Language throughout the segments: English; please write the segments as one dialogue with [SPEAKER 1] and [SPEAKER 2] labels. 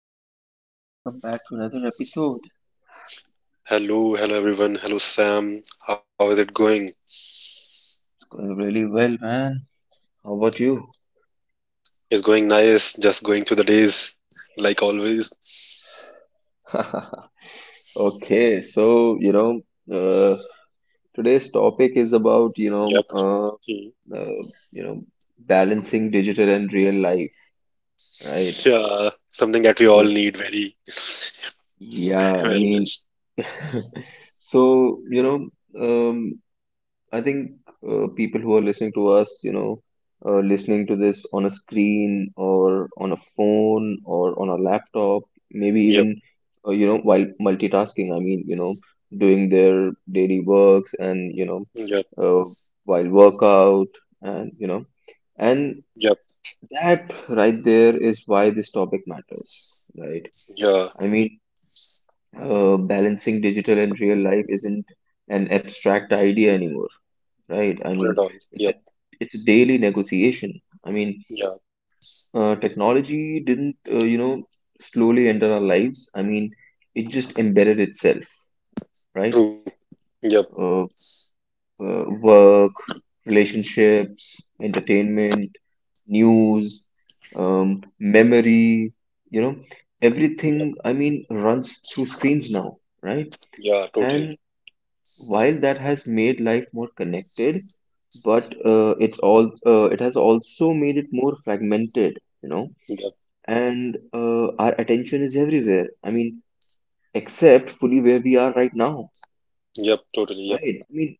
[SPEAKER 1] right, Harry, welcome back to another episode.
[SPEAKER 2] Hello, hello everyone. Hello Sam. How is it going?
[SPEAKER 1] It's going really well, man. How about you?
[SPEAKER 2] It's going nice. Just going through the days like always.
[SPEAKER 1] Okay, so uh, today's topic is about
[SPEAKER 2] Yep. Mm.
[SPEAKER 1] uh, you know, balancing digital and real life, right?
[SPEAKER 2] Yeah. Something that we all
[SPEAKER 1] So
[SPEAKER 2] need very,
[SPEAKER 1] yeah, I
[SPEAKER 2] very
[SPEAKER 1] mean,
[SPEAKER 2] much.
[SPEAKER 1] so um, I think people who are listening to us, listening to this on a screen or on a phone or on a laptop, maybe
[SPEAKER 2] Yep.
[SPEAKER 1] even, while multitasking, I mean, doing their daily works and
[SPEAKER 2] Yep.
[SPEAKER 1] uh, while workout and, you know, and
[SPEAKER 2] Yep.
[SPEAKER 1] that right there is why this topic matters, right?
[SPEAKER 2] Yeah.
[SPEAKER 1] I mean, balancing digital and real life isn't an abstract idea anymore, right? I
[SPEAKER 2] Not
[SPEAKER 1] mean,
[SPEAKER 2] at all.
[SPEAKER 1] it's a,
[SPEAKER 2] Yep.
[SPEAKER 1] it's a daily negotiation. I mean,
[SPEAKER 2] Yeah.
[SPEAKER 1] technology didn't, slowly enter our lives. I mean, it just embedded itself, right?
[SPEAKER 2] True. Yep.
[SPEAKER 1] Uh, work, relationships, entertainment, news, memory, you know,
[SPEAKER 2] Yep.
[SPEAKER 1] everything, I mean, runs through screens now, right?
[SPEAKER 2] Yeah. Totally.
[SPEAKER 1] And While that has made life more connected, but it's all it has also made it more fragmented. You know.
[SPEAKER 2] Yep.
[SPEAKER 1] And our attention is everywhere. I mean, except fully where we are right now,
[SPEAKER 2] Yep. Totally. Yep.
[SPEAKER 1] right? I mean,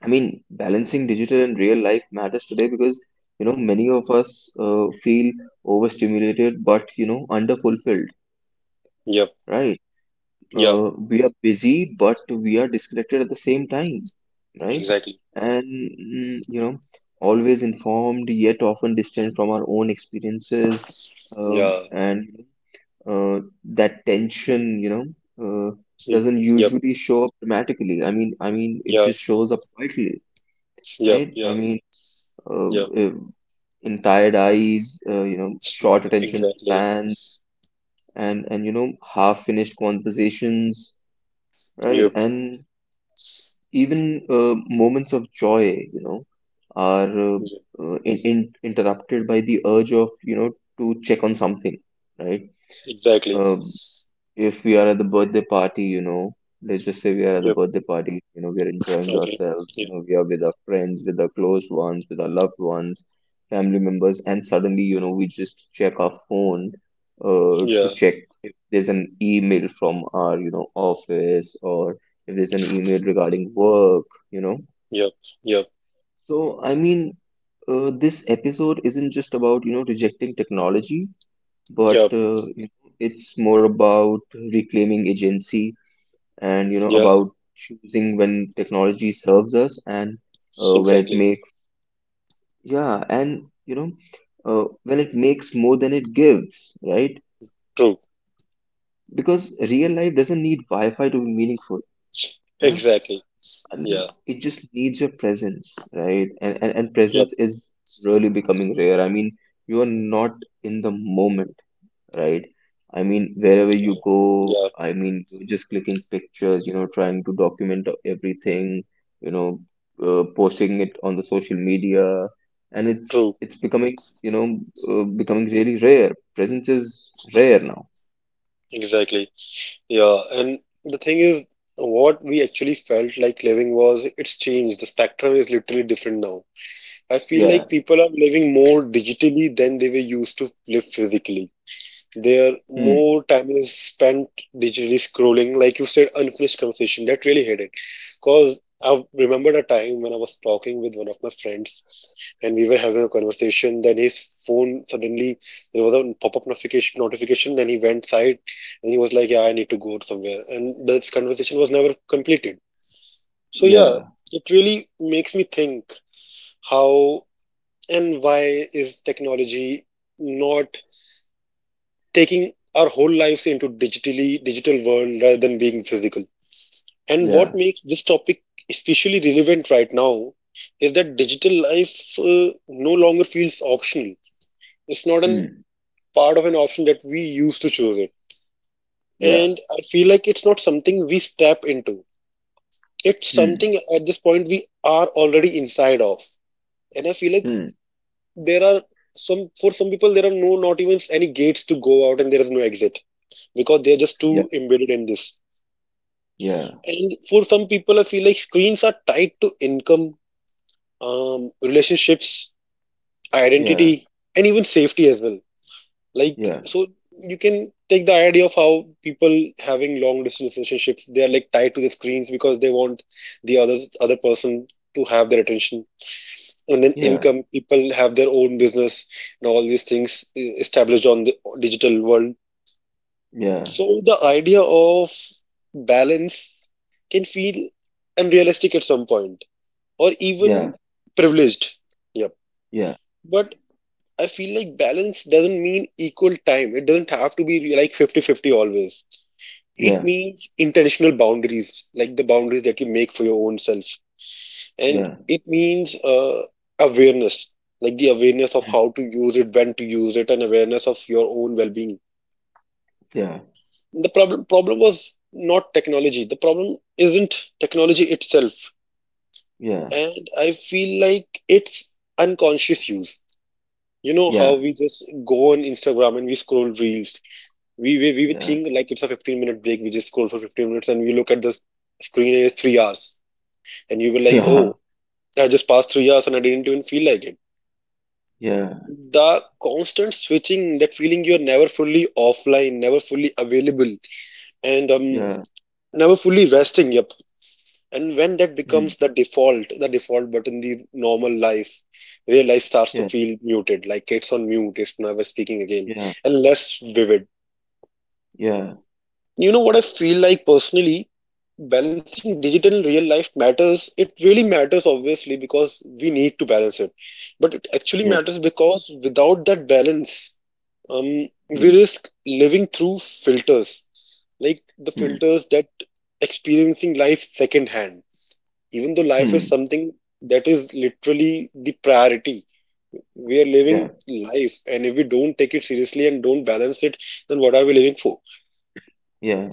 [SPEAKER 1] I mean, balancing digital and real life matters today because many of us feel overstimulated, but underfulfilled,
[SPEAKER 2] Yep.
[SPEAKER 1] right?
[SPEAKER 2] Yeah.
[SPEAKER 1] We are busy, but we are disconnected at the same time, right?
[SPEAKER 2] Exactly.
[SPEAKER 1] And always informed, yet often distant from our own experiences.
[SPEAKER 2] Yeah.
[SPEAKER 1] And that tension, uh,
[SPEAKER 2] Mm.
[SPEAKER 1] doesn't
[SPEAKER 2] Yep.
[SPEAKER 1] usually show up dramatically. I mean,
[SPEAKER 2] Yeah.
[SPEAKER 1] it just shows up quietly,
[SPEAKER 2] Yep. Yeah.
[SPEAKER 1] right?
[SPEAKER 2] Yeah.
[SPEAKER 1] Uh, uh, in tired eyes, short attention
[SPEAKER 2] Exactly.
[SPEAKER 1] spans, and half finished conversations,
[SPEAKER 2] Yep.
[SPEAKER 1] right. And even moments of joy, you know are uh,
[SPEAKER 2] Yep.
[SPEAKER 1] interrupted by the urge, of to check on something, right.
[SPEAKER 2] Exactly.
[SPEAKER 1] uh, if we are at the birthday party, you know, let's just say we are
[SPEAKER 2] Yep.
[SPEAKER 1] at the birthday party, you know, we are enjoying
[SPEAKER 2] Okay.
[SPEAKER 1] ourselves,
[SPEAKER 2] Yep.
[SPEAKER 1] you know, we are with our friends, with our close ones, with our loved ones, family members, and suddenly, you know, we just check our phone,
[SPEAKER 2] Yeah.
[SPEAKER 1] to check if there's an email from our, you know, office, or if there's an email regarding work, you know.
[SPEAKER 2] Yep, yep,
[SPEAKER 1] So, I mean, this episode isn't just about, you know, rejecting technology,
[SPEAKER 2] yep,
[SPEAKER 1] but it's more about reclaiming agency and, you
[SPEAKER 2] yeah,
[SPEAKER 1] know, about choosing when technology serves us, and when
[SPEAKER 2] exactly.
[SPEAKER 1] it makes yeah, and when it makes more than it gives, right?
[SPEAKER 2] True,
[SPEAKER 1] Because real life doesn't need wi-fi to be meaningful. Yeah,
[SPEAKER 2] exactly.
[SPEAKER 1] I
[SPEAKER 2] Yeah,
[SPEAKER 1] mean, it just needs your presence, right? And
[SPEAKER 2] yep,
[SPEAKER 1] presence is really becoming rare. I mean, you are not in the moment, right? I mean, wherever
[SPEAKER 2] yeah,
[SPEAKER 1] you
[SPEAKER 2] yeah,
[SPEAKER 1] go, I mean, you're just clicking pictures, you know, trying to document everything, you know, posting it on the social media, and it's
[SPEAKER 2] true,
[SPEAKER 1] it's becoming, you know, becoming really rare. Presence is rare now.
[SPEAKER 2] exactly. Yeah, and the thing is, what we actually felt like living was it's changed. The spectrum is literally different now. I feel like
[SPEAKER 1] Yeah.
[SPEAKER 2] people are living more digitally than they were used to live physically. Their
[SPEAKER 1] Hmm.
[SPEAKER 2] more time is spent digitally scrolling, like you said, unfinished conversation. That really hit it. Cause I remembered a time when I was talking with one of my friends, and we were having a conversation. Then his phone suddenly there was a pop-up notification. Notification. Then he went side, and he was like, "Yeah, I need to go somewhere." And this conversation was never completed. So yeah,
[SPEAKER 1] Yeah.
[SPEAKER 2] it really makes me think how and why is technology not taking our whole lives into digitally digital world rather than being physical. And what
[SPEAKER 1] Yeah.
[SPEAKER 2] makes this topic especially relevant right now is that digital life no longer feels optional. It's not an
[SPEAKER 1] Hmm.
[SPEAKER 2] part of an option that we used to choose it.
[SPEAKER 1] Yeah.
[SPEAKER 2] And I feel like it's not something we step into. It's
[SPEAKER 1] Hmm.
[SPEAKER 2] something at this point we are already inside of. And I feel like
[SPEAKER 1] Hmm.
[SPEAKER 2] there are some for some people there are no not even any gates to go out, and there is no exit because they are just
[SPEAKER 1] Yeah.
[SPEAKER 2] too embedded in this.
[SPEAKER 1] Yeah.
[SPEAKER 2] And for some people, I feel like screens are tied to income, relationships,
[SPEAKER 1] Yeah.
[SPEAKER 2] identity, and even safety as well. Like,
[SPEAKER 1] Yeah.
[SPEAKER 2] so you can take the idea of how people having long distance relationships, they are like tied to the screens because they want the other person to have their attention. And then
[SPEAKER 1] Yeah.
[SPEAKER 2] income, people have their own business and all these things established on the digital world.
[SPEAKER 1] Yeah.
[SPEAKER 2] So the idea of balance can feel unrealistic at some point, or even privileged. Yep.
[SPEAKER 1] Yeah.
[SPEAKER 2] But I feel like balance doesn't mean equal time. It doesn't have to be like fifty-fifty always. It
[SPEAKER 1] Yeah.
[SPEAKER 2] means intentional boundaries, like the boundaries that you make for your own self.
[SPEAKER 1] Yeah.
[SPEAKER 2] And
[SPEAKER 1] Yeah.
[SPEAKER 2] it means awareness, like the awareness of
[SPEAKER 1] Hmm.
[SPEAKER 2] how to use it, when to use it, and awareness of your own well being.
[SPEAKER 1] Yeah.
[SPEAKER 2] The problem was not technology. The problem isn't technology itself.
[SPEAKER 1] Yeah.
[SPEAKER 2] And I feel like it's unconscious use. You know how
[SPEAKER 1] Yeah.
[SPEAKER 2] we just go on Instagram and we scroll reels. We
[SPEAKER 1] Yeah.
[SPEAKER 2] think like it's a 15-minute break. We just scroll for 15 minutes and we look at the screen and it's 3 hours. And you were like,
[SPEAKER 1] Yeah.
[SPEAKER 2] oh, I just passed 3 hours and I didn't even feel like it.
[SPEAKER 1] Yeah.
[SPEAKER 2] The constant switching, that feeling you're never fully offline, never fully available, and
[SPEAKER 1] Yeah.
[SPEAKER 2] never fully resting. Yep. And when that
[SPEAKER 1] Mm.
[SPEAKER 2] becomes the default button, the normal life, real life starts to
[SPEAKER 1] Yeah.
[SPEAKER 2] feel muted, like it's on mute, it's never speaking again,
[SPEAKER 1] Yeah.
[SPEAKER 2] and less vivid.
[SPEAKER 1] Yeah.
[SPEAKER 2] You know what I feel like personally? Balancing digital and real life matters. It really matters, obviously, because we need to balance it. But it actually matters
[SPEAKER 1] Yeah.
[SPEAKER 2] because without that balance, we
[SPEAKER 1] Mm.
[SPEAKER 2] risk living through filters, like the
[SPEAKER 1] Mm.
[SPEAKER 2] filters that experiencing life secondhand. Even though life is
[SPEAKER 1] Mm.
[SPEAKER 2] something that is literally the priority, we are
[SPEAKER 1] Yeah.
[SPEAKER 2] living life, and if we don't take it seriously and don't balance it, then what are we living for?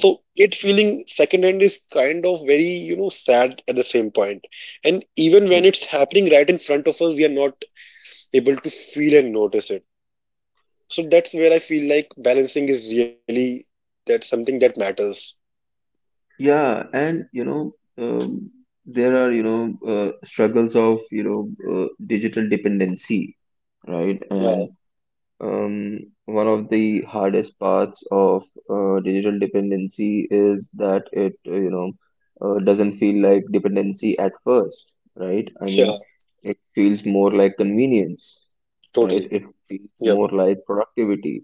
[SPEAKER 2] So it feeling secondhand is kind of very you know sad at the same point, and even
[SPEAKER 1] Yeah.
[SPEAKER 2] when it's happening right in front of us we are not able to feel and notice it. So that's where I feel like balancing is really that's something that matters.
[SPEAKER 1] Yeah. And, um, there are, struggles of, digital dependency, right?
[SPEAKER 2] Yeah,
[SPEAKER 1] And Um, one of the hardest parts of digital dependency is that it, doesn't feel like dependency at first, right?
[SPEAKER 2] yeah,
[SPEAKER 1] I mean, it feels more like convenience,
[SPEAKER 2] totally.
[SPEAKER 1] right? It feels
[SPEAKER 2] Yep,
[SPEAKER 1] more like productivity.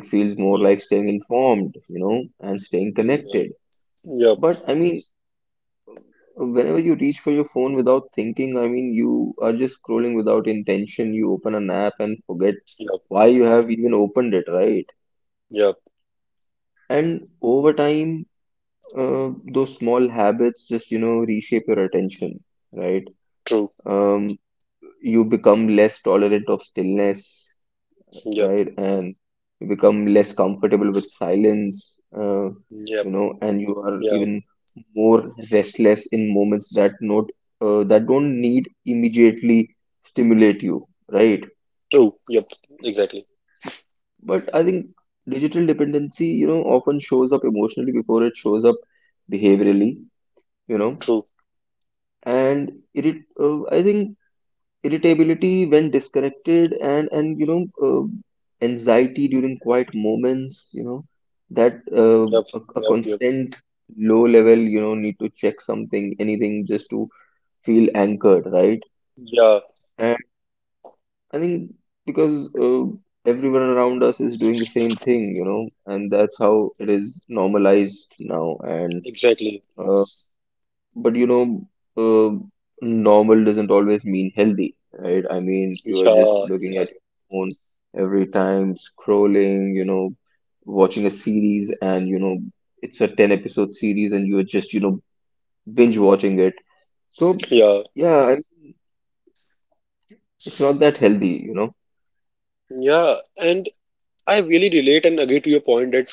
[SPEAKER 1] It feels more
[SPEAKER 2] yep,
[SPEAKER 1] like staying informed, you know, and staying connected.
[SPEAKER 2] yep,
[SPEAKER 1] But
[SPEAKER 2] yep,
[SPEAKER 1] I mean, whenever you reach for your phone without thinking, I mean, you are just scrolling without intention. You open an app and forget
[SPEAKER 2] yep,
[SPEAKER 1] why you have even opened it, right?
[SPEAKER 2] yep,
[SPEAKER 1] And over time, those small habits just, you know, reshape your attention, right?
[SPEAKER 2] true,
[SPEAKER 1] Um, you become less tolerant of stillness,
[SPEAKER 2] yep,
[SPEAKER 1] right? And you become less comfortable with silence, you
[SPEAKER 2] yep,
[SPEAKER 1] know, and you are
[SPEAKER 2] yeah,
[SPEAKER 1] even more restless in moments that don't need immediately stimulate you, right?
[SPEAKER 2] true, yep, exactly,
[SPEAKER 1] But I think digital dependency, you know, often shows up emotionally before it shows up behaviorally, you know.
[SPEAKER 2] true,
[SPEAKER 1] And irrit I think irritability when disconnected, and anxiety during quiet moments, you know. that uh,
[SPEAKER 2] yep,
[SPEAKER 1] a, a
[SPEAKER 2] yep, yep,
[SPEAKER 1] constant low level, you know, need to check something, anything, just to feel anchored, right?
[SPEAKER 2] yeah,
[SPEAKER 1] And I think because everyone around us is doing the same thing, you know, and that's how it is normalized now. and
[SPEAKER 2] exactly,
[SPEAKER 1] uh, but you know, uh, normal doesn't always mean healthy, right? I mean, you are
[SPEAKER 2] yeah,
[SPEAKER 1] just looking
[SPEAKER 2] yeah,
[SPEAKER 1] at your phone every time, scrolling, you know, watching a series, and you know, it's a 10 episode series, and you are just, you know, binge watching it. So,
[SPEAKER 2] yeah.
[SPEAKER 1] yeah, I mean, it's not that healthy, you know?
[SPEAKER 2] Yeah, and I really relate and agree to your point that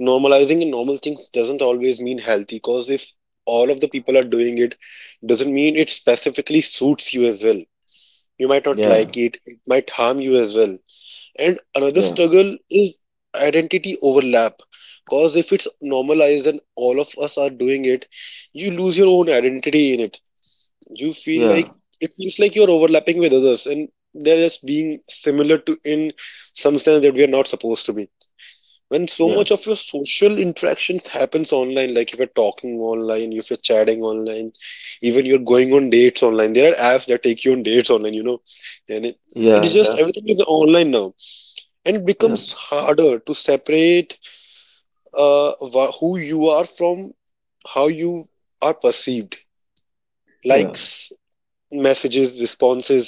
[SPEAKER 2] normalizing normal things doesn't always mean healthy, because if all of the people are doing it, doesn't mean it specifically suits you as well. You might not like
[SPEAKER 1] Yeah,
[SPEAKER 2] it might harm you as well. And another
[SPEAKER 1] yeah,
[SPEAKER 2] struggle is identity overlap, because if it's normalized and all of us are doing it, you lose your own identity in it. You feel like
[SPEAKER 1] yeah,
[SPEAKER 2] it feels like you're overlapping with others and they're just being similar to in some sense that we are not supposed to be when so
[SPEAKER 1] yeah,
[SPEAKER 2] much of your social interactions happens online, like if you're talking online, if you're chatting online, even you're going on dates online, there are apps that take you on dates online, you know. And it is just
[SPEAKER 1] yeah,
[SPEAKER 2] everything is online now, and it
[SPEAKER 1] yeah,
[SPEAKER 2] becomes harder to separate who you are from how you are perceived.
[SPEAKER 1] yeah,
[SPEAKER 2] Likes, messages, responses,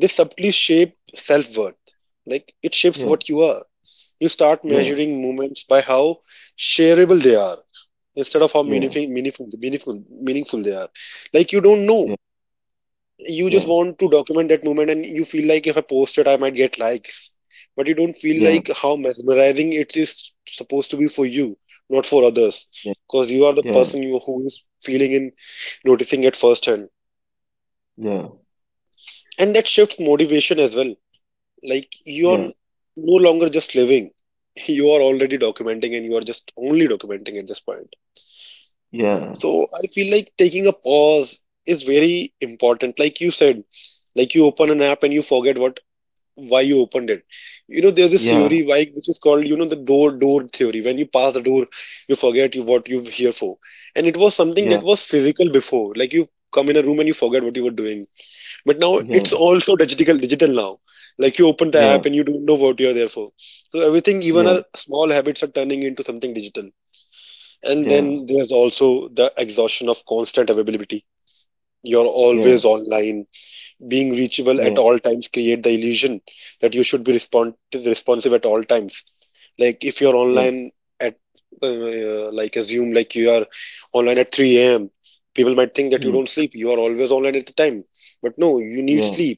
[SPEAKER 2] they subtly shape self-worth, like it shapes
[SPEAKER 1] yeah,
[SPEAKER 2] what you are. You start
[SPEAKER 1] yeah,
[SPEAKER 2] measuring moments by how shareable they are instead of how
[SPEAKER 1] yeah,
[SPEAKER 2] meaningful meaningful they are. Like you don't know, you just
[SPEAKER 1] yeah,
[SPEAKER 2] want to document that moment and you feel like if I post it I might get likes, but you don't feel
[SPEAKER 1] yeah,
[SPEAKER 2] like how mesmerizing it is supposed to be for you, not for others,
[SPEAKER 1] yeah,
[SPEAKER 2] because you are the
[SPEAKER 1] yeah, yeah,
[SPEAKER 2] person who is feeling and noticing at first hand.
[SPEAKER 1] yeah,
[SPEAKER 2] And that shifts motivation as well. Like you are
[SPEAKER 1] yeah,
[SPEAKER 2] no longer just living, you are already documenting and you are just only documenting at this point.
[SPEAKER 1] yeah, yeah,
[SPEAKER 2] So I feel like taking a pause is very important, like you said. Like you open an app and you forget what why you opened it. You know there's this
[SPEAKER 1] yeah,
[SPEAKER 2] theory why which is called you know the door theory. When you pass the door you forget you what you're here for. And it was something
[SPEAKER 1] yeah.
[SPEAKER 2] that was physical before, like you come in a room and you forget what you were doing, but now it's
[SPEAKER 1] Yeah,
[SPEAKER 2] also digital now. Like you open the
[SPEAKER 1] yeah,
[SPEAKER 2] app and you don't know what you're there for. So everything, even
[SPEAKER 1] yeah,
[SPEAKER 2] our small habits are turning into something digital. And
[SPEAKER 1] yeah,
[SPEAKER 2] then there's also the exhaustion of constant availability. You're
[SPEAKER 1] yeah,
[SPEAKER 2] always online. Being reachable at
[SPEAKER 1] yeah,
[SPEAKER 2] all times create the illusion that you should be responsive at all times. Like if you're
[SPEAKER 1] yeah,
[SPEAKER 2] online at like assume like you are online at 3 a.m. People might think that you
[SPEAKER 1] mm,
[SPEAKER 2] don't sleep. You are always online at the time. But no, you need
[SPEAKER 1] yeah,
[SPEAKER 2] sleep.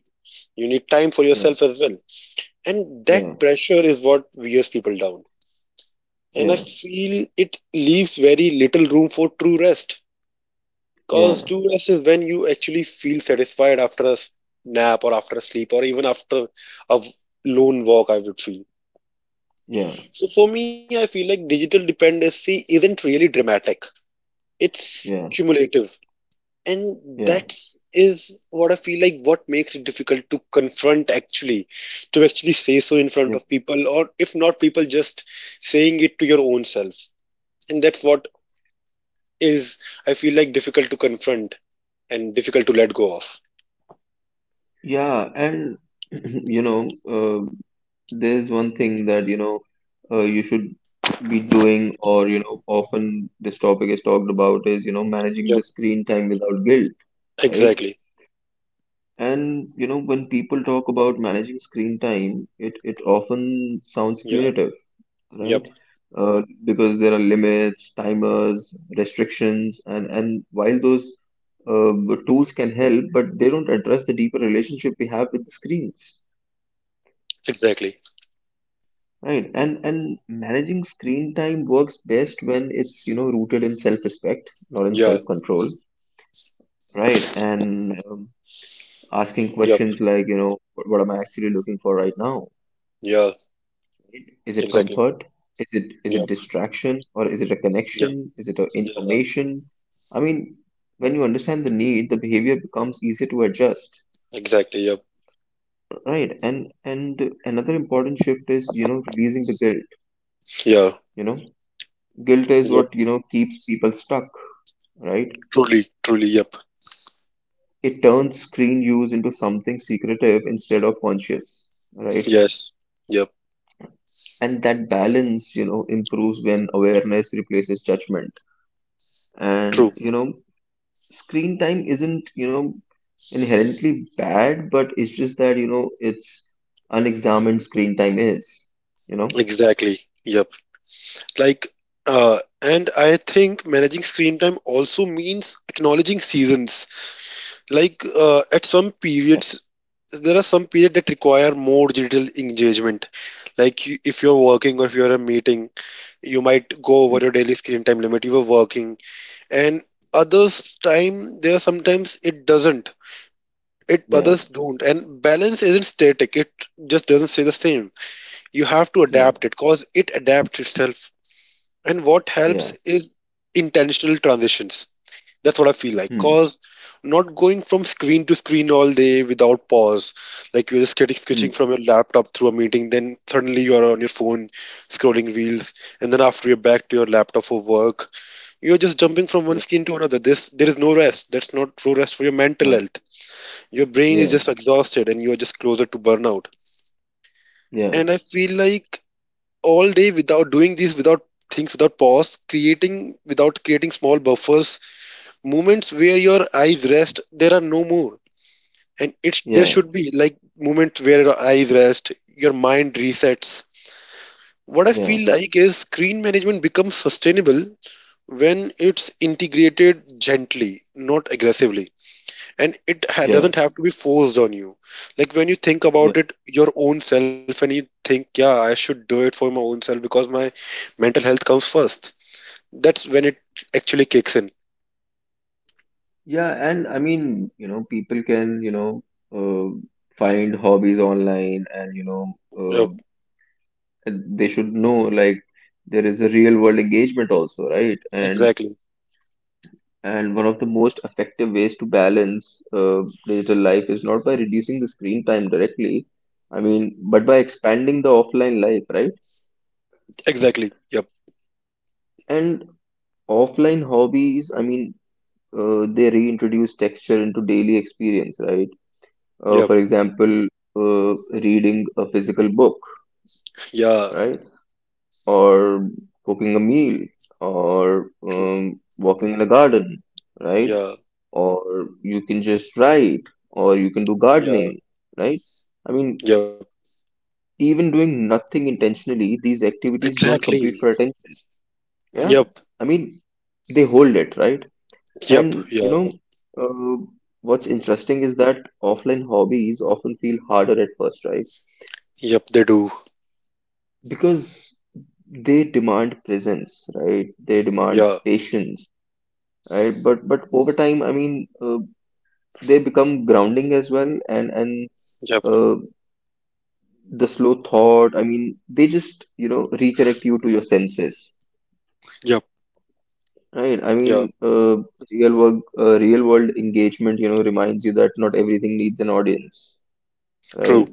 [SPEAKER 2] You need time for
[SPEAKER 1] yeah,
[SPEAKER 2] yourself as well. And that
[SPEAKER 1] yeah,
[SPEAKER 2] pressure is what wears people down.
[SPEAKER 1] yeah,
[SPEAKER 2] And I
[SPEAKER 1] yeah,
[SPEAKER 2] feel it leaves very little room for true rest. Because
[SPEAKER 1] yeah,
[SPEAKER 2] true rest is when you actually feel satisfied after a nap or after a sleep or even after a lone walk, I would feel.
[SPEAKER 1] yeah,
[SPEAKER 2] So for me, I feel like digital dependency isn't really dramatic, it's cumulative. And
[SPEAKER 1] yeah,
[SPEAKER 2] that's is what I feel like what makes it difficult to confront, actually, to actually say so in front
[SPEAKER 1] yeah,
[SPEAKER 2] of people, or if not people just saying it to your own self. And that's what is I feel like difficult to confront and difficult to let go of.
[SPEAKER 1] yeah, and you know, there's one thing that, you know, you should be doing, or, you know, often this topic is talked about, is, you know, managing
[SPEAKER 2] Yep,
[SPEAKER 1] the screen time without guilt, right?
[SPEAKER 2] exactly,
[SPEAKER 1] And, you know, when people talk about managing screen time, it often sounds
[SPEAKER 2] yeah,
[SPEAKER 1] punitive, right?
[SPEAKER 2] yep,
[SPEAKER 1] Because there are limits, timers, restrictions, and while those uh, tools can help, but they don't address the deeper relationship we have with the screens,
[SPEAKER 2] exactly,
[SPEAKER 1] right? And managing screen time works best when it's, you know, rooted in self-respect, not in
[SPEAKER 2] yeah,
[SPEAKER 1] self-control, right? And asking
[SPEAKER 2] yep,
[SPEAKER 1] questions like, you know, what am I actually looking for right now?
[SPEAKER 2] yeah,
[SPEAKER 1] Is it
[SPEAKER 2] exactly,
[SPEAKER 1] comfort? Is it
[SPEAKER 2] yep,
[SPEAKER 1] distraction, or is it a
[SPEAKER 2] yep,
[SPEAKER 1] connection? Is it a
[SPEAKER 2] yeah,
[SPEAKER 1] information? I mean, when you understand the need, the behavior becomes easier to adjust,
[SPEAKER 2] exactly, yep,
[SPEAKER 1] right? And another important shift is, you know, releasing the guilt.
[SPEAKER 2] yeah,
[SPEAKER 1] You know, guilt is
[SPEAKER 2] yep,
[SPEAKER 1] what, you know, keeps people stuck, right?
[SPEAKER 2] truly, truly, yep,
[SPEAKER 1] It turns screen use into something secretive instead of conscious, right?
[SPEAKER 2] yes, yep,
[SPEAKER 1] And that balance, you know, improves when awareness replaces judgment.
[SPEAKER 2] true,
[SPEAKER 1] And, you know, screen time isn't, you know, inherently bad, but it's just that, you know, it's unexamined screen time is, you know,
[SPEAKER 2] exactly, yep. Like, and I think managing screen time also means acknowledging seasons. Like, at some
[SPEAKER 1] Yeah.
[SPEAKER 2] periods, there are some periods that require more digital engagement. Like, you, if you're working or if you're a meeting, you might go over
[SPEAKER 1] Hmm.
[SPEAKER 2] your daily screen time limit. You were working, and others time there are sometimes it doesn't. It
[SPEAKER 1] Yeah,
[SPEAKER 2] others don't, and balance isn't static. It just doesn't stay the same. You have to
[SPEAKER 1] yeah,
[SPEAKER 2] adapt it, cause it adapts itself. And what
[SPEAKER 1] yeah.
[SPEAKER 2] helps is intentional transitions. That's what I feel like.
[SPEAKER 1] Hmm.
[SPEAKER 2] Cause not going from screen to screen all day without pause. Like you're just getting
[SPEAKER 1] Hmm.
[SPEAKER 2] switching from your laptop through a meeting, then suddenly you're on your phone scrolling reels, and then after you're back to your laptop for work. You're just jumping from one
[SPEAKER 1] Yeah,
[SPEAKER 2] screen to another. This there is no rest. That's not true rest for your mental
[SPEAKER 1] yeah,
[SPEAKER 2] health. Your brain is
[SPEAKER 1] yeah,
[SPEAKER 2] just exhausted and you're just closer to burnout.
[SPEAKER 1] yeah,
[SPEAKER 2] And I feel like all day without doing these without things without pause, creating without creating small buffers, moments where your eyes rest, there are no more. And it's There
[SPEAKER 1] yeah,
[SPEAKER 2] should be like moments where your eyes rest, your mind resets. What I
[SPEAKER 1] yeah,
[SPEAKER 2] feel like is screen management becomes sustainable when it's integrated gently, not aggressively, and it
[SPEAKER 1] yeah,
[SPEAKER 2] doesn't have to be forced on you. Like when you think
[SPEAKER 1] yeah,
[SPEAKER 2] about it, your own self, and you think, yeah, I should do it for my own self because my mental health comes first. That's when it actually kicks in.
[SPEAKER 1] yeah. And I mean, you know, people can, you know, uh, find hobbies online, and, you know, uh,
[SPEAKER 2] Yep.
[SPEAKER 1] and they should know, like, there is a real world engagement also, right? and
[SPEAKER 2] Exactly.
[SPEAKER 1] And one of the most effective ways to balance digital life is not by reducing the screen time directly, I mean, but by expanding the offline life, right?
[SPEAKER 2] Exactly. Yep.
[SPEAKER 1] And offline hobbies, I mean, they reintroduce texture into daily experience, right?
[SPEAKER 2] Yep.
[SPEAKER 1] For example, uh, reading a physical book,
[SPEAKER 2] Yeah.
[SPEAKER 1] right? Or cooking a meal, or
[SPEAKER 2] True.
[SPEAKER 1] walking in a garden, right?
[SPEAKER 2] Yeah.
[SPEAKER 1] Or you can just write, or you can do
[SPEAKER 2] Yeah.
[SPEAKER 1] gardening, right? I mean,
[SPEAKER 2] Yep.
[SPEAKER 1] even doing nothing intentionally, these activities don't compete
[SPEAKER 2] Exactly.
[SPEAKER 1] for attention. Yeah,
[SPEAKER 2] Yep.
[SPEAKER 1] I mean, they hold it, right?
[SPEAKER 2] Yep.
[SPEAKER 1] And you
[SPEAKER 2] Yep.
[SPEAKER 1] know, uh, what's interesting is that offline hobbies often feel harder at first, right?
[SPEAKER 2] Yep, they do.
[SPEAKER 1] Because they demand presence, right? They demand
[SPEAKER 2] Yeah.
[SPEAKER 1] patience, right? But over time, I mean, they become grounding as well, and
[SPEAKER 2] Yep.
[SPEAKER 1] uh, the slow thought. I mean, they just, you know, reconnect you to your senses.
[SPEAKER 2] Yep.
[SPEAKER 1] Right. I
[SPEAKER 2] Yeah.
[SPEAKER 1] mean, real world engagement, you know, reminds you that not everything needs an audience.
[SPEAKER 2] True.
[SPEAKER 1] Right.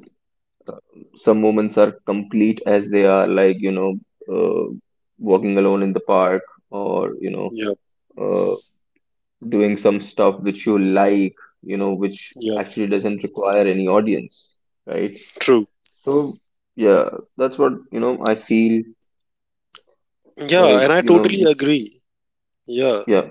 [SPEAKER 1] Some moments are complete as they are, like, you know, uh, walking alone in the park, or, you know,
[SPEAKER 2] Yep.
[SPEAKER 1] uh, doing some stuff which you like, you know, which
[SPEAKER 2] Yep.
[SPEAKER 1] actually doesn't require any audience. Right.
[SPEAKER 2] True.
[SPEAKER 1] So, yeah, that's what, you know, I feel
[SPEAKER 2] Yeah, and
[SPEAKER 1] like,
[SPEAKER 2] I
[SPEAKER 1] you know,
[SPEAKER 2] totally
[SPEAKER 1] you,
[SPEAKER 2] agree. Yeah.
[SPEAKER 1] yeah.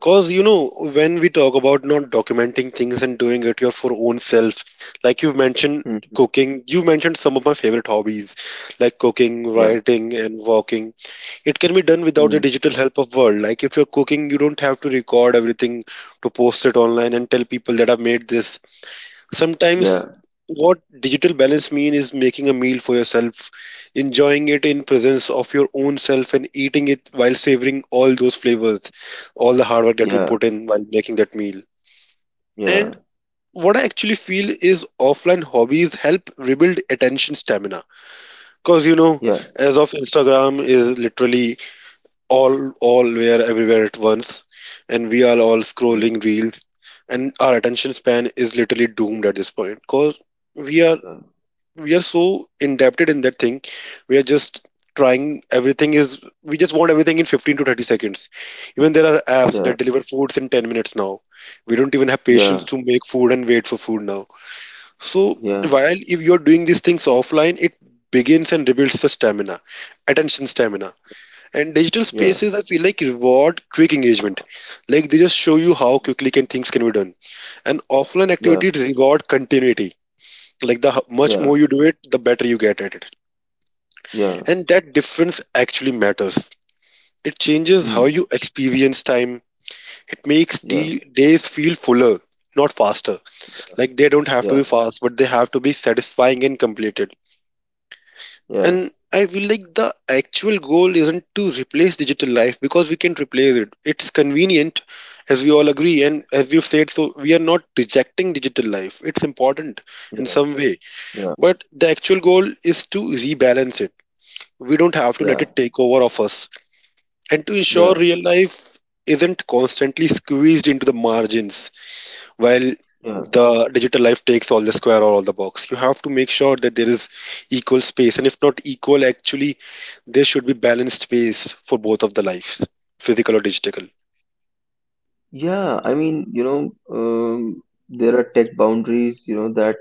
[SPEAKER 2] Because, when we talk about not documenting things and doing it your for own self, like you've mentioned
[SPEAKER 1] Mhm.
[SPEAKER 2] cooking, you mentioned some of my favorite hobbies, like cooking,
[SPEAKER 1] Yeah.
[SPEAKER 2] writing, and walking. It can be done without the
[SPEAKER 1] Mm.
[SPEAKER 2] digital help of world. Like if you're cooking, you don't have to record everything to post it online and tell people that I've made this. Sometimes
[SPEAKER 1] Yeah.
[SPEAKER 2] what digital balance mean is making a meal for yourself, enjoying it in presence of your own self and eating it while savoring all those flavors, all the hard work that we
[SPEAKER 1] Yeah.
[SPEAKER 2] put in while making that meal. And
[SPEAKER 1] Yeah.
[SPEAKER 2] what I actually feel is offline hobbies help rebuild attention stamina. Cause
[SPEAKER 1] Yeah.
[SPEAKER 2] as of Instagram is literally all where everywhere at once, and we are all scrolling reels, and our attention span is literally doomed at this point because we are we are so indebted in that thing. We are just trying everything is we just want everything in 15 to 30 seconds. Even there are apps
[SPEAKER 1] Yeah.
[SPEAKER 2] that deliver foods in 10 minutes now. We don't even have patience
[SPEAKER 1] Yeah.
[SPEAKER 2] to make food and wait for food now. So
[SPEAKER 1] Yeah.
[SPEAKER 2] while if you're doing these things offline, it begins and rebuilds the stamina, attention stamina. And digital
[SPEAKER 1] Yeah. Yeah.
[SPEAKER 2] spaces, I feel like, reward quick engagement, like they just show you how quickly can things can be done. And offline
[SPEAKER 1] Yeah.
[SPEAKER 2] activities reward continuity, like the much
[SPEAKER 1] Yeah.
[SPEAKER 2] more you do it, the better you get at it.
[SPEAKER 1] Yeah.
[SPEAKER 2] And that difference actually matters. It changes how
[SPEAKER 1] Mm.
[SPEAKER 2] you experience time. It makes
[SPEAKER 1] Yeah.
[SPEAKER 2] the days feel fuller, not faster. Like they don't have to
[SPEAKER 1] Yeah.
[SPEAKER 2] be fast, but they have to be satisfying and completed.
[SPEAKER 1] Yeah.
[SPEAKER 2] And I feel like the actual goal isn't to replace digital life because we can replace it, it's convenient, as we all agree, and as we've said, so we are not rejecting digital life, it's important in
[SPEAKER 1] Yeah.
[SPEAKER 2] some way.
[SPEAKER 1] Yeah.
[SPEAKER 2] But the actual goal is to rebalance it. We don't have to let
[SPEAKER 1] Yeah.
[SPEAKER 2] it take over of us and to ensure
[SPEAKER 1] Yeah.
[SPEAKER 2] real life isn't constantly squeezed into the margins while
[SPEAKER 1] Yeah.
[SPEAKER 2] the digital life takes all the square or all the box. You have to make sure that there is equal space, and if not equal actually, there should be balanced space for both of the lives, physical or digital.
[SPEAKER 1] Yeah. I mean, you know, there are tech boundaries, you know, that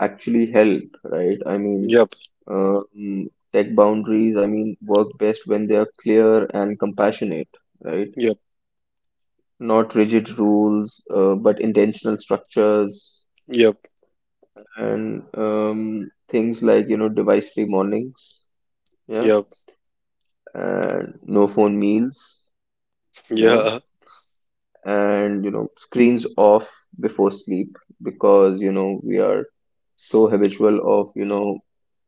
[SPEAKER 1] actually help, right? I
[SPEAKER 2] Yep.
[SPEAKER 1] mean, tech boundaries, I mean, work best when they are clear and compassionate, right?
[SPEAKER 2] Yep.
[SPEAKER 1] Not rigid rules, but intentional structures,
[SPEAKER 2] Yep.
[SPEAKER 1] and things like, you know, device-free mornings, yeah,
[SPEAKER 2] Yep.
[SPEAKER 1] and no phone meals, yeah,
[SPEAKER 2] Yeah.
[SPEAKER 1] and, you know, screens off before sleep, because, you know, we are so habitual of, you know,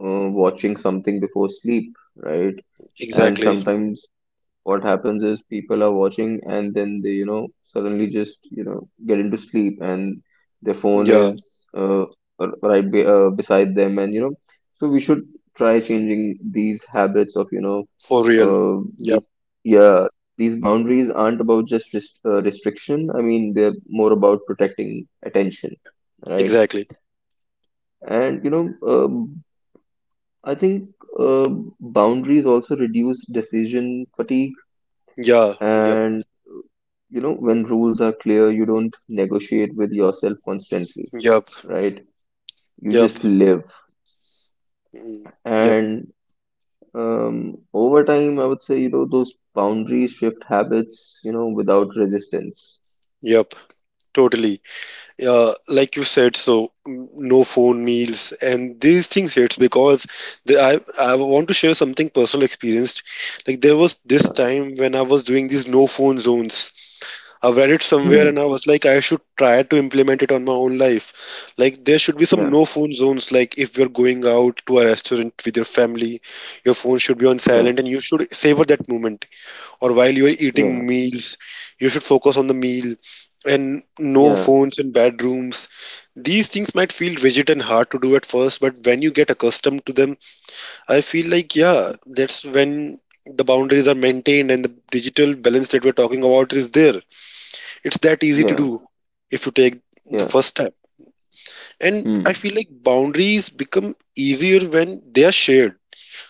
[SPEAKER 1] watching something before sleep, right?
[SPEAKER 2] Exactly.
[SPEAKER 1] And sometimes what happens is people are watching and then they suddenly just get into sleep and their phone
[SPEAKER 2] Yeah,
[SPEAKER 1] is uh, right beside them and you know So we should try changing these habits of you know
[SPEAKER 2] for real.
[SPEAKER 1] uh,
[SPEAKER 2] Yep.
[SPEAKER 1] these. Yeah, these boundaries aren't about just restriction. I mean they're more about protecting attention, right?
[SPEAKER 2] Exactly.
[SPEAKER 1] And you know um, i think uh, boundaries also reduce decision fatigue.
[SPEAKER 2] Yeah. Yep.
[SPEAKER 1] And you know, when rules are clear, you don't negotiate with yourself constantly,
[SPEAKER 2] Yep.
[SPEAKER 1] right? You
[SPEAKER 2] Yep.
[SPEAKER 1] just live.
[SPEAKER 2] Mm. Yep.
[SPEAKER 1] And over time, I would say, you know, those boundaries shift habits, you know, without resistance.
[SPEAKER 2] Yep. Totally. Yeah, like you said, so no phone meals and these things hits because the, I want to share something personal experienced. Like there was this
[SPEAKER 1] Yeah.
[SPEAKER 2] time when I was doing these no phone zones. I've read it somewhere and
[SPEAKER 1] Hmm.
[SPEAKER 2] I was like, I should try to implement it on my own life. Like there should be some
[SPEAKER 1] Yeah.
[SPEAKER 2] no phone zones. Like if you're going out to a restaurant with your family, your phone should be on
[SPEAKER 1] Yeah.
[SPEAKER 2] silent and you should savor that moment, or while you're
[SPEAKER 1] Yeah.
[SPEAKER 2] eating meals you should focus on the meal, and no phones in bedrooms. These things might feel rigid and hard to do at first, but when you get accustomed to them, I feel like, yeah, that's when the boundaries are maintained and the digital balance that we're talking about is there. It's that easy to
[SPEAKER 1] Yeah.
[SPEAKER 2] do if you take
[SPEAKER 1] Yeah.
[SPEAKER 2] the
[SPEAKER 1] Yeah.
[SPEAKER 2] first step. And I
[SPEAKER 1] Hmm.
[SPEAKER 2] feel like boundaries become easier when they are shared,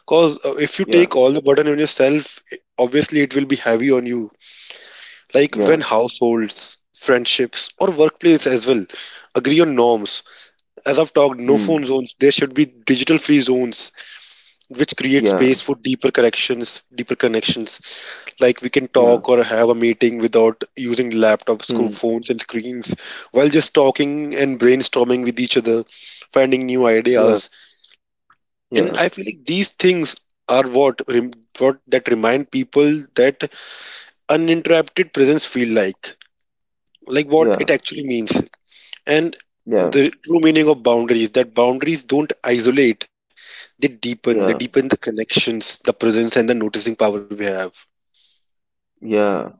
[SPEAKER 2] because if you
[SPEAKER 1] Yeah.
[SPEAKER 2] take all the burden on yourself, obviously it will be heavy on you. Like
[SPEAKER 1] Yeah.
[SPEAKER 2] when households, friendships, or workplace as well agree on norms. As I've talked, no phone
[SPEAKER 1] Hmm.
[SPEAKER 2] zones, there should be digital free zones which create
[SPEAKER 1] Yeah.
[SPEAKER 2] space for deeper corrections, deeper connections. Like we can
[SPEAKER 1] Yeah.
[SPEAKER 2] talk or have a meeting without using laptops, screw
[SPEAKER 1] Hmm.
[SPEAKER 2] phones, and screens while just talking and brainstorming with each other, finding new
[SPEAKER 1] Yeah.
[SPEAKER 2] ideas. And
[SPEAKER 1] Yeah.
[SPEAKER 2] I feel like these things are what that remind people that uninterrupted presence feel like what it
[SPEAKER 1] Yeah.
[SPEAKER 2] actually means. And
[SPEAKER 1] Yeah.
[SPEAKER 2] the true meaning of boundaries that boundaries don't isolate, they deepen. They
[SPEAKER 1] Yeah.
[SPEAKER 2] deepen the connections, the presence, and the noticing power we have.
[SPEAKER 1] Yeah.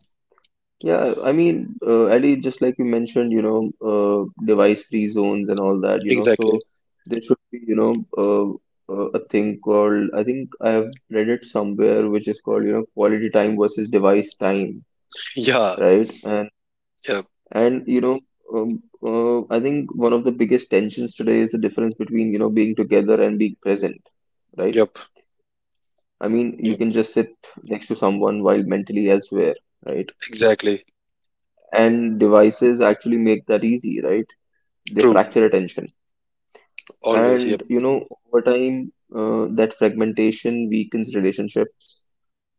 [SPEAKER 1] Yeah, I mean, Ali, just like you mentioned, you know, device-free zones and all that, you know, so
[SPEAKER 2] Exactly.
[SPEAKER 1] there should be, you know, a thing called, I think I have read it somewhere, which is called, you know, quality time versus device time,
[SPEAKER 2] Yeah.
[SPEAKER 1] right? And
[SPEAKER 2] Yep.
[SPEAKER 1] and you know, I think one of the biggest tensions today is the difference between, you know, being together and being present, right?
[SPEAKER 2] Yep.
[SPEAKER 1] I mean, you can
[SPEAKER 2] Yep.
[SPEAKER 1] just sit next to someone while mentally elsewhere, right?
[SPEAKER 2] Exactly.
[SPEAKER 1] And devices actually make that easy, right? They
[SPEAKER 2] True.
[SPEAKER 1] fracture attention,
[SPEAKER 2] Always.
[SPEAKER 1] and
[SPEAKER 2] Yep.
[SPEAKER 1] you know, over time, that fragmentation weakens relationships,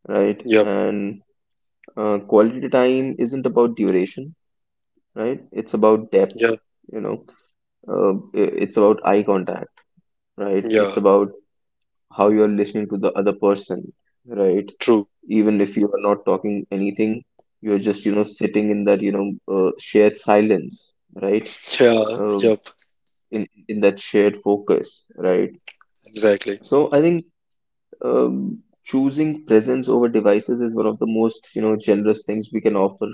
[SPEAKER 1] right?
[SPEAKER 2] Yep.
[SPEAKER 1] And quality time isn't about duration, right? It's about depth,
[SPEAKER 2] Yep.
[SPEAKER 1] you know. uh, it's about eye contact, right? It's
[SPEAKER 2] Yeah.
[SPEAKER 1] about how you're listening to the other person, right?
[SPEAKER 2] True.
[SPEAKER 1] Even if you are not talking anything, you're just you know sitting in that shared silence, right?
[SPEAKER 2] Yeah.
[SPEAKER 1] uh,
[SPEAKER 2] Yep.
[SPEAKER 1] in that shared focus, right?
[SPEAKER 2] Exactly.
[SPEAKER 1] So I think choosing presence over devices is one of the most, you know, generous things we can offer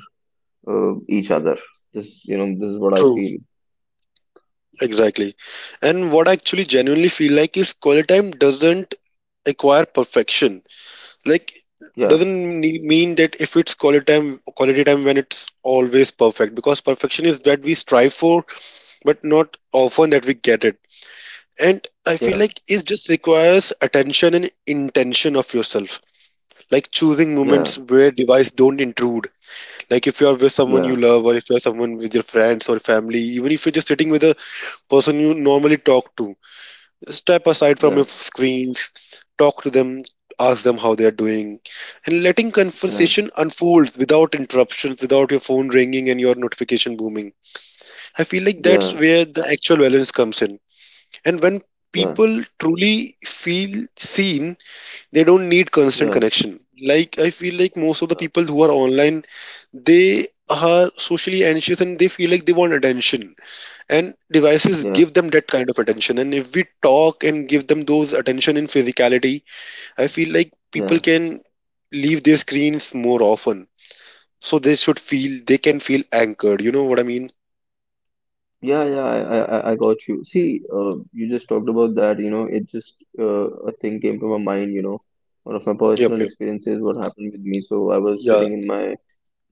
[SPEAKER 1] each other. This, you know, this is what I
[SPEAKER 2] True.
[SPEAKER 1] feel.
[SPEAKER 2] Exactly. And what I actually genuinely feel like is quality time doesn't acquire perfection. Like
[SPEAKER 1] Yeah,
[SPEAKER 2] doesn't mean that if it's quality time when it's always perfect because perfection is that we strive for, but not often that we get it. And I feel
[SPEAKER 1] yeah,
[SPEAKER 2] like it just requires attention and intention of yourself, like choosing
[SPEAKER 1] yeah,
[SPEAKER 2] moments where device don't intrude. Like if you are with someone you
[SPEAKER 1] yeah,
[SPEAKER 2] love or if you are someone with your friends or family, even if you're just sitting with a person you normally talk to, step aside from
[SPEAKER 1] yeah,
[SPEAKER 2] your screens, talk to them, ask them how they are doing, and letting
[SPEAKER 1] yeah,
[SPEAKER 2] conversation unfold without interruptions, without your phone ringing and your notification booming. I feel like that's
[SPEAKER 1] yeah,
[SPEAKER 2] where the actual balance comes in. And when
[SPEAKER 1] yeah,
[SPEAKER 2] people truly feel seen, they don't need
[SPEAKER 1] yeah,
[SPEAKER 2] constant
[SPEAKER 1] yeah,
[SPEAKER 2] connection. Like I feel like most of the people who are online, they are socially anxious and they feel like they want attention, and devices
[SPEAKER 1] yeah.
[SPEAKER 2] give them that kind of attention, and if we talk and give them those attention in physicality, I feel like people
[SPEAKER 1] Yeah,
[SPEAKER 2] can leave their screens more often, so they should feel they can feel anchored, you know what I mean.
[SPEAKER 1] yeah, yeah, I got you. See, you just talked about that, you know, it just a thing came to my mind, you know, one of my
[SPEAKER 2] Yep.
[SPEAKER 1] personal
[SPEAKER 2] Yep.
[SPEAKER 1] experiences, what happened with me. So I was
[SPEAKER 2] Yeah.
[SPEAKER 1] sitting in my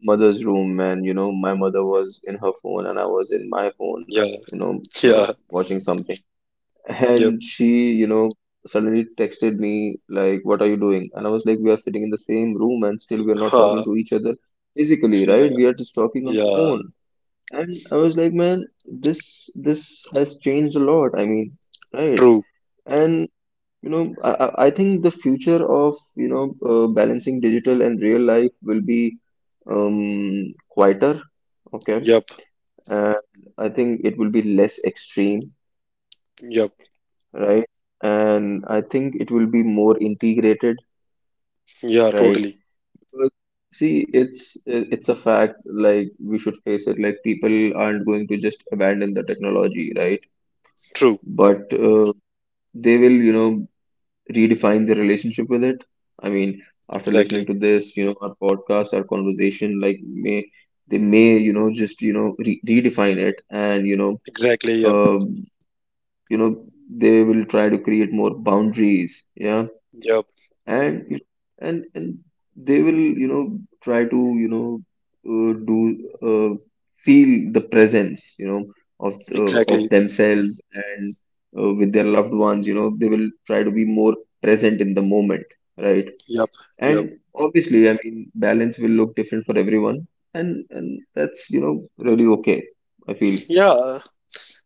[SPEAKER 1] mother's room and you know my mother was in her phone and I was in my phone,
[SPEAKER 2] Yeah.
[SPEAKER 1] you know,
[SPEAKER 2] Yeah.
[SPEAKER 1] watching something and
[SPEAKER 2] Yep.
[SPEAKER 1] she you know suddenly texted me like what are you doing and I was like we are sitting in the same room and still we are not talking
[SPEAKER 2] Ha.
[SPEAKER 1] to each other physically, right?
[SPEAKER 2] Yeah.
[SPEAKER 1] We are just talking on the
[SPEAKER 2] Yeah.
[SPEAKER 1] phone. And I was like, man, this has changed a lot, I mean, right?
[SPEAKER 2] True.
[SPEAKER 1] And you know, I think the future of, you know, balancing digital and real life will be quieter, okay?
[SPEAKER 2] Yep.
[SPEAKER 1] And I think it will be less extreme,
[SPEAKER 2] Yep.
[SPEAKER 1] right? And I think it will be more integrated,
[SPEAKER 2] Yeah.
[SPEAKER 1] right?
[SPEAKER 2] Totally.
[SPEAKER 1] Because, see, it's a fact, like we should face it, like people aren't going to just abandon the technology, right?
[SPEAKER 2] True.
[SPEAKER 1] But they will, you know, redefine their relationship with it. I mean, after
[SPEAKER 2] Exactly.
[SPEAKER 1] listening to this, you know, our podcast, our conversation, like may they may, you know, just redefine it, and
[SPEAKER 2] Exactly. Yep.
[SPEAKER 1] um, you know, they will try to create more boundaries. Yeah,
[SPEAKER 2] Yep.
[SPEAKER 1] and you know, and they will you know try to you know do uh, feel the presence, you know, of
[SPEAKER 2] Exactly.
[SPEAKER 1] themselves, and with their loved ones, you know, they will try to be more present in the moment, right?
[SPEAKER 2] Yep. Yep.
[SPEAKER 1] And obviously, I mean, balance will look different for everyone, and that's you know really okay, I feel.
[SPEAKER 2] Yeah,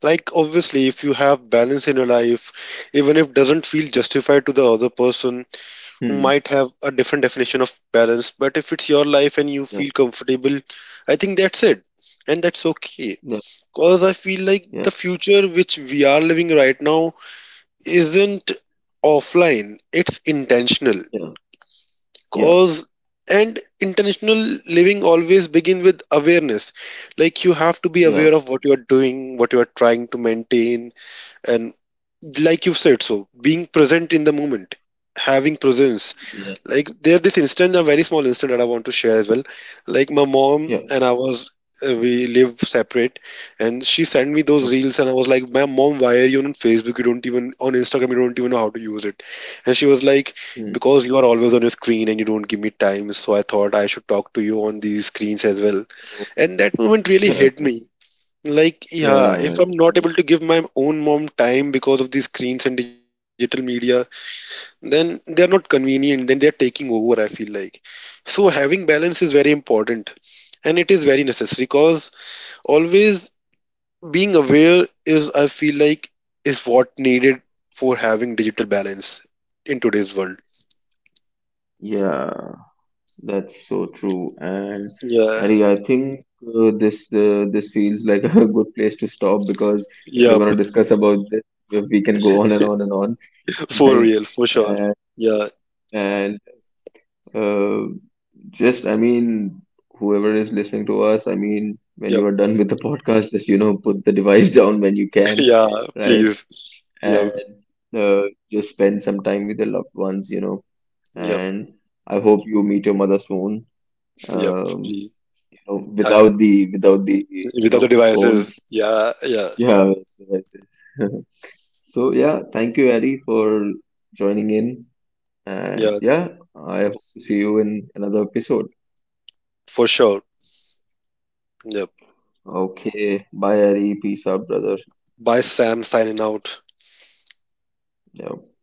[SPEAKER 2] like obviously if you have balance in your life even if doesn't feel justified to the other person who
[SPEAKER 1] Hmm.
[SPEAKER 2] might have a different definition of balance, but if it's your life and you
[SPEAKER 1] Yeah,
[SPEAKER 2] feel comfortable, I think that's it. And that's okay. Cause I feel like
[SPEAKER 1] yeah,
[SPEAKER 2] the future which we are living right now isn't offline, it's intentional.
[SPEAKER 1] yeah, yeah, yeah,
[SPEAKER 2] Cause and intentional living always begins with awareness. Like you have to be
[SPEAKER 1] yeah,
[SPEAKER 2] aware of what you are doing, what you are trying to maintain. And like you've said, so being present in the moment, having presence.
[SPEAKER 1] yeah,
[SPEAKER 2] Like there this instance, a very small instance, that I want to share as well. Like my mom
[SPEAKER 1] yeah,
[SPEAKER 2] and I was we live separate. And she sent me those
[SPEAKER 1] okay.
[SPEAKER 2] reels, and I was like, my mom, why are you on Facebook? You don't even on Instagram, you don't even know how to use it. And she was like,
[SPEAKER 1] Hmm.
[SPEAKER 2] because you are always on your screen and you don't give me time, so I thought I should talk to you on these screens as well.
[SPEAKER 1] Oh,
[SPEAKER 2] And that moment really hit
[SPEAKER 1] yeah,
[SPEAKER 2] me. Like, yeah,
[SPEAKER 1] yeah,
[SPEAKER 2] if I'm not
[SPEAKER 1] yeah.
[SPEAKER 2] able to give my own mom time because of these screens and digital media, then they're not convenient, then they're taking over, I feel like. So having balance is very important and it is very necessary because always being aware is, I feel like, is what needed for having digital balance in today's world.
[SPEAKER 1] Yeah, that's so true. And
[SPEAKER 2] Yeah,
[SPEAKER 1] Harry, I think this this feels like a good place to stop because if you're
[SPEAKER 2] yep,
[SPEAKER 1] going to discuss about this, we can go on and on and on,
[SPEAKER 2] for
[SPEAKER 1] right?
[SPEAKER 2] real, for sure.
[SPEAKER 1] And,
[SPEAKER 2] Yeah,
[SPEAKER 1] and uh, just, I mean, whoever is listening to us, I mean, when you
[SPEAKER 2] yep,
[SPEAKER 1] are done with the podcast, just, you know, put the device down when you can,
[SPEAKER 2] yeah,
[SPEAKER 1] right?
[SPEAKER 2] please.
[SPEAKER 1] And
[SPEAKER 2] Yep,
[SPEAKER 1] uh, just spend some time with your loved ones, you know.
[SPEAKER 2] yep,
[SPEAKER 1] And I hope you meet your mother soon.
[SPEAKER 2] yep,
[SPEAKER 1] Um,
[SPEAKER 2] please.
[SPEAKER 1] know,
[SPEAKER 2] I will.
[SPEAKER 1] without the without the you
[SPEAKER 2] With other
[SPEAKER 1] know
[SPEAKER 2] devices.
[SPEAKER 1] phones,
[SPEAKER 2] Yeah, yeah,
[SPEAKER 1] yeah, devices. So yeah, thank you, Ari, for joining in, and
[SPEAKER 2] yeah,
[SPEAKER 1] yeah, I hope to see you in another episode.
[SPEAKER 2] for sure. Yeah.
[SPEAKER 1] Okay, bye Ari, peace out brother.
[SPEAKER 2] Bye, Sam, signing out.
[SPEAKER 1] Yeah.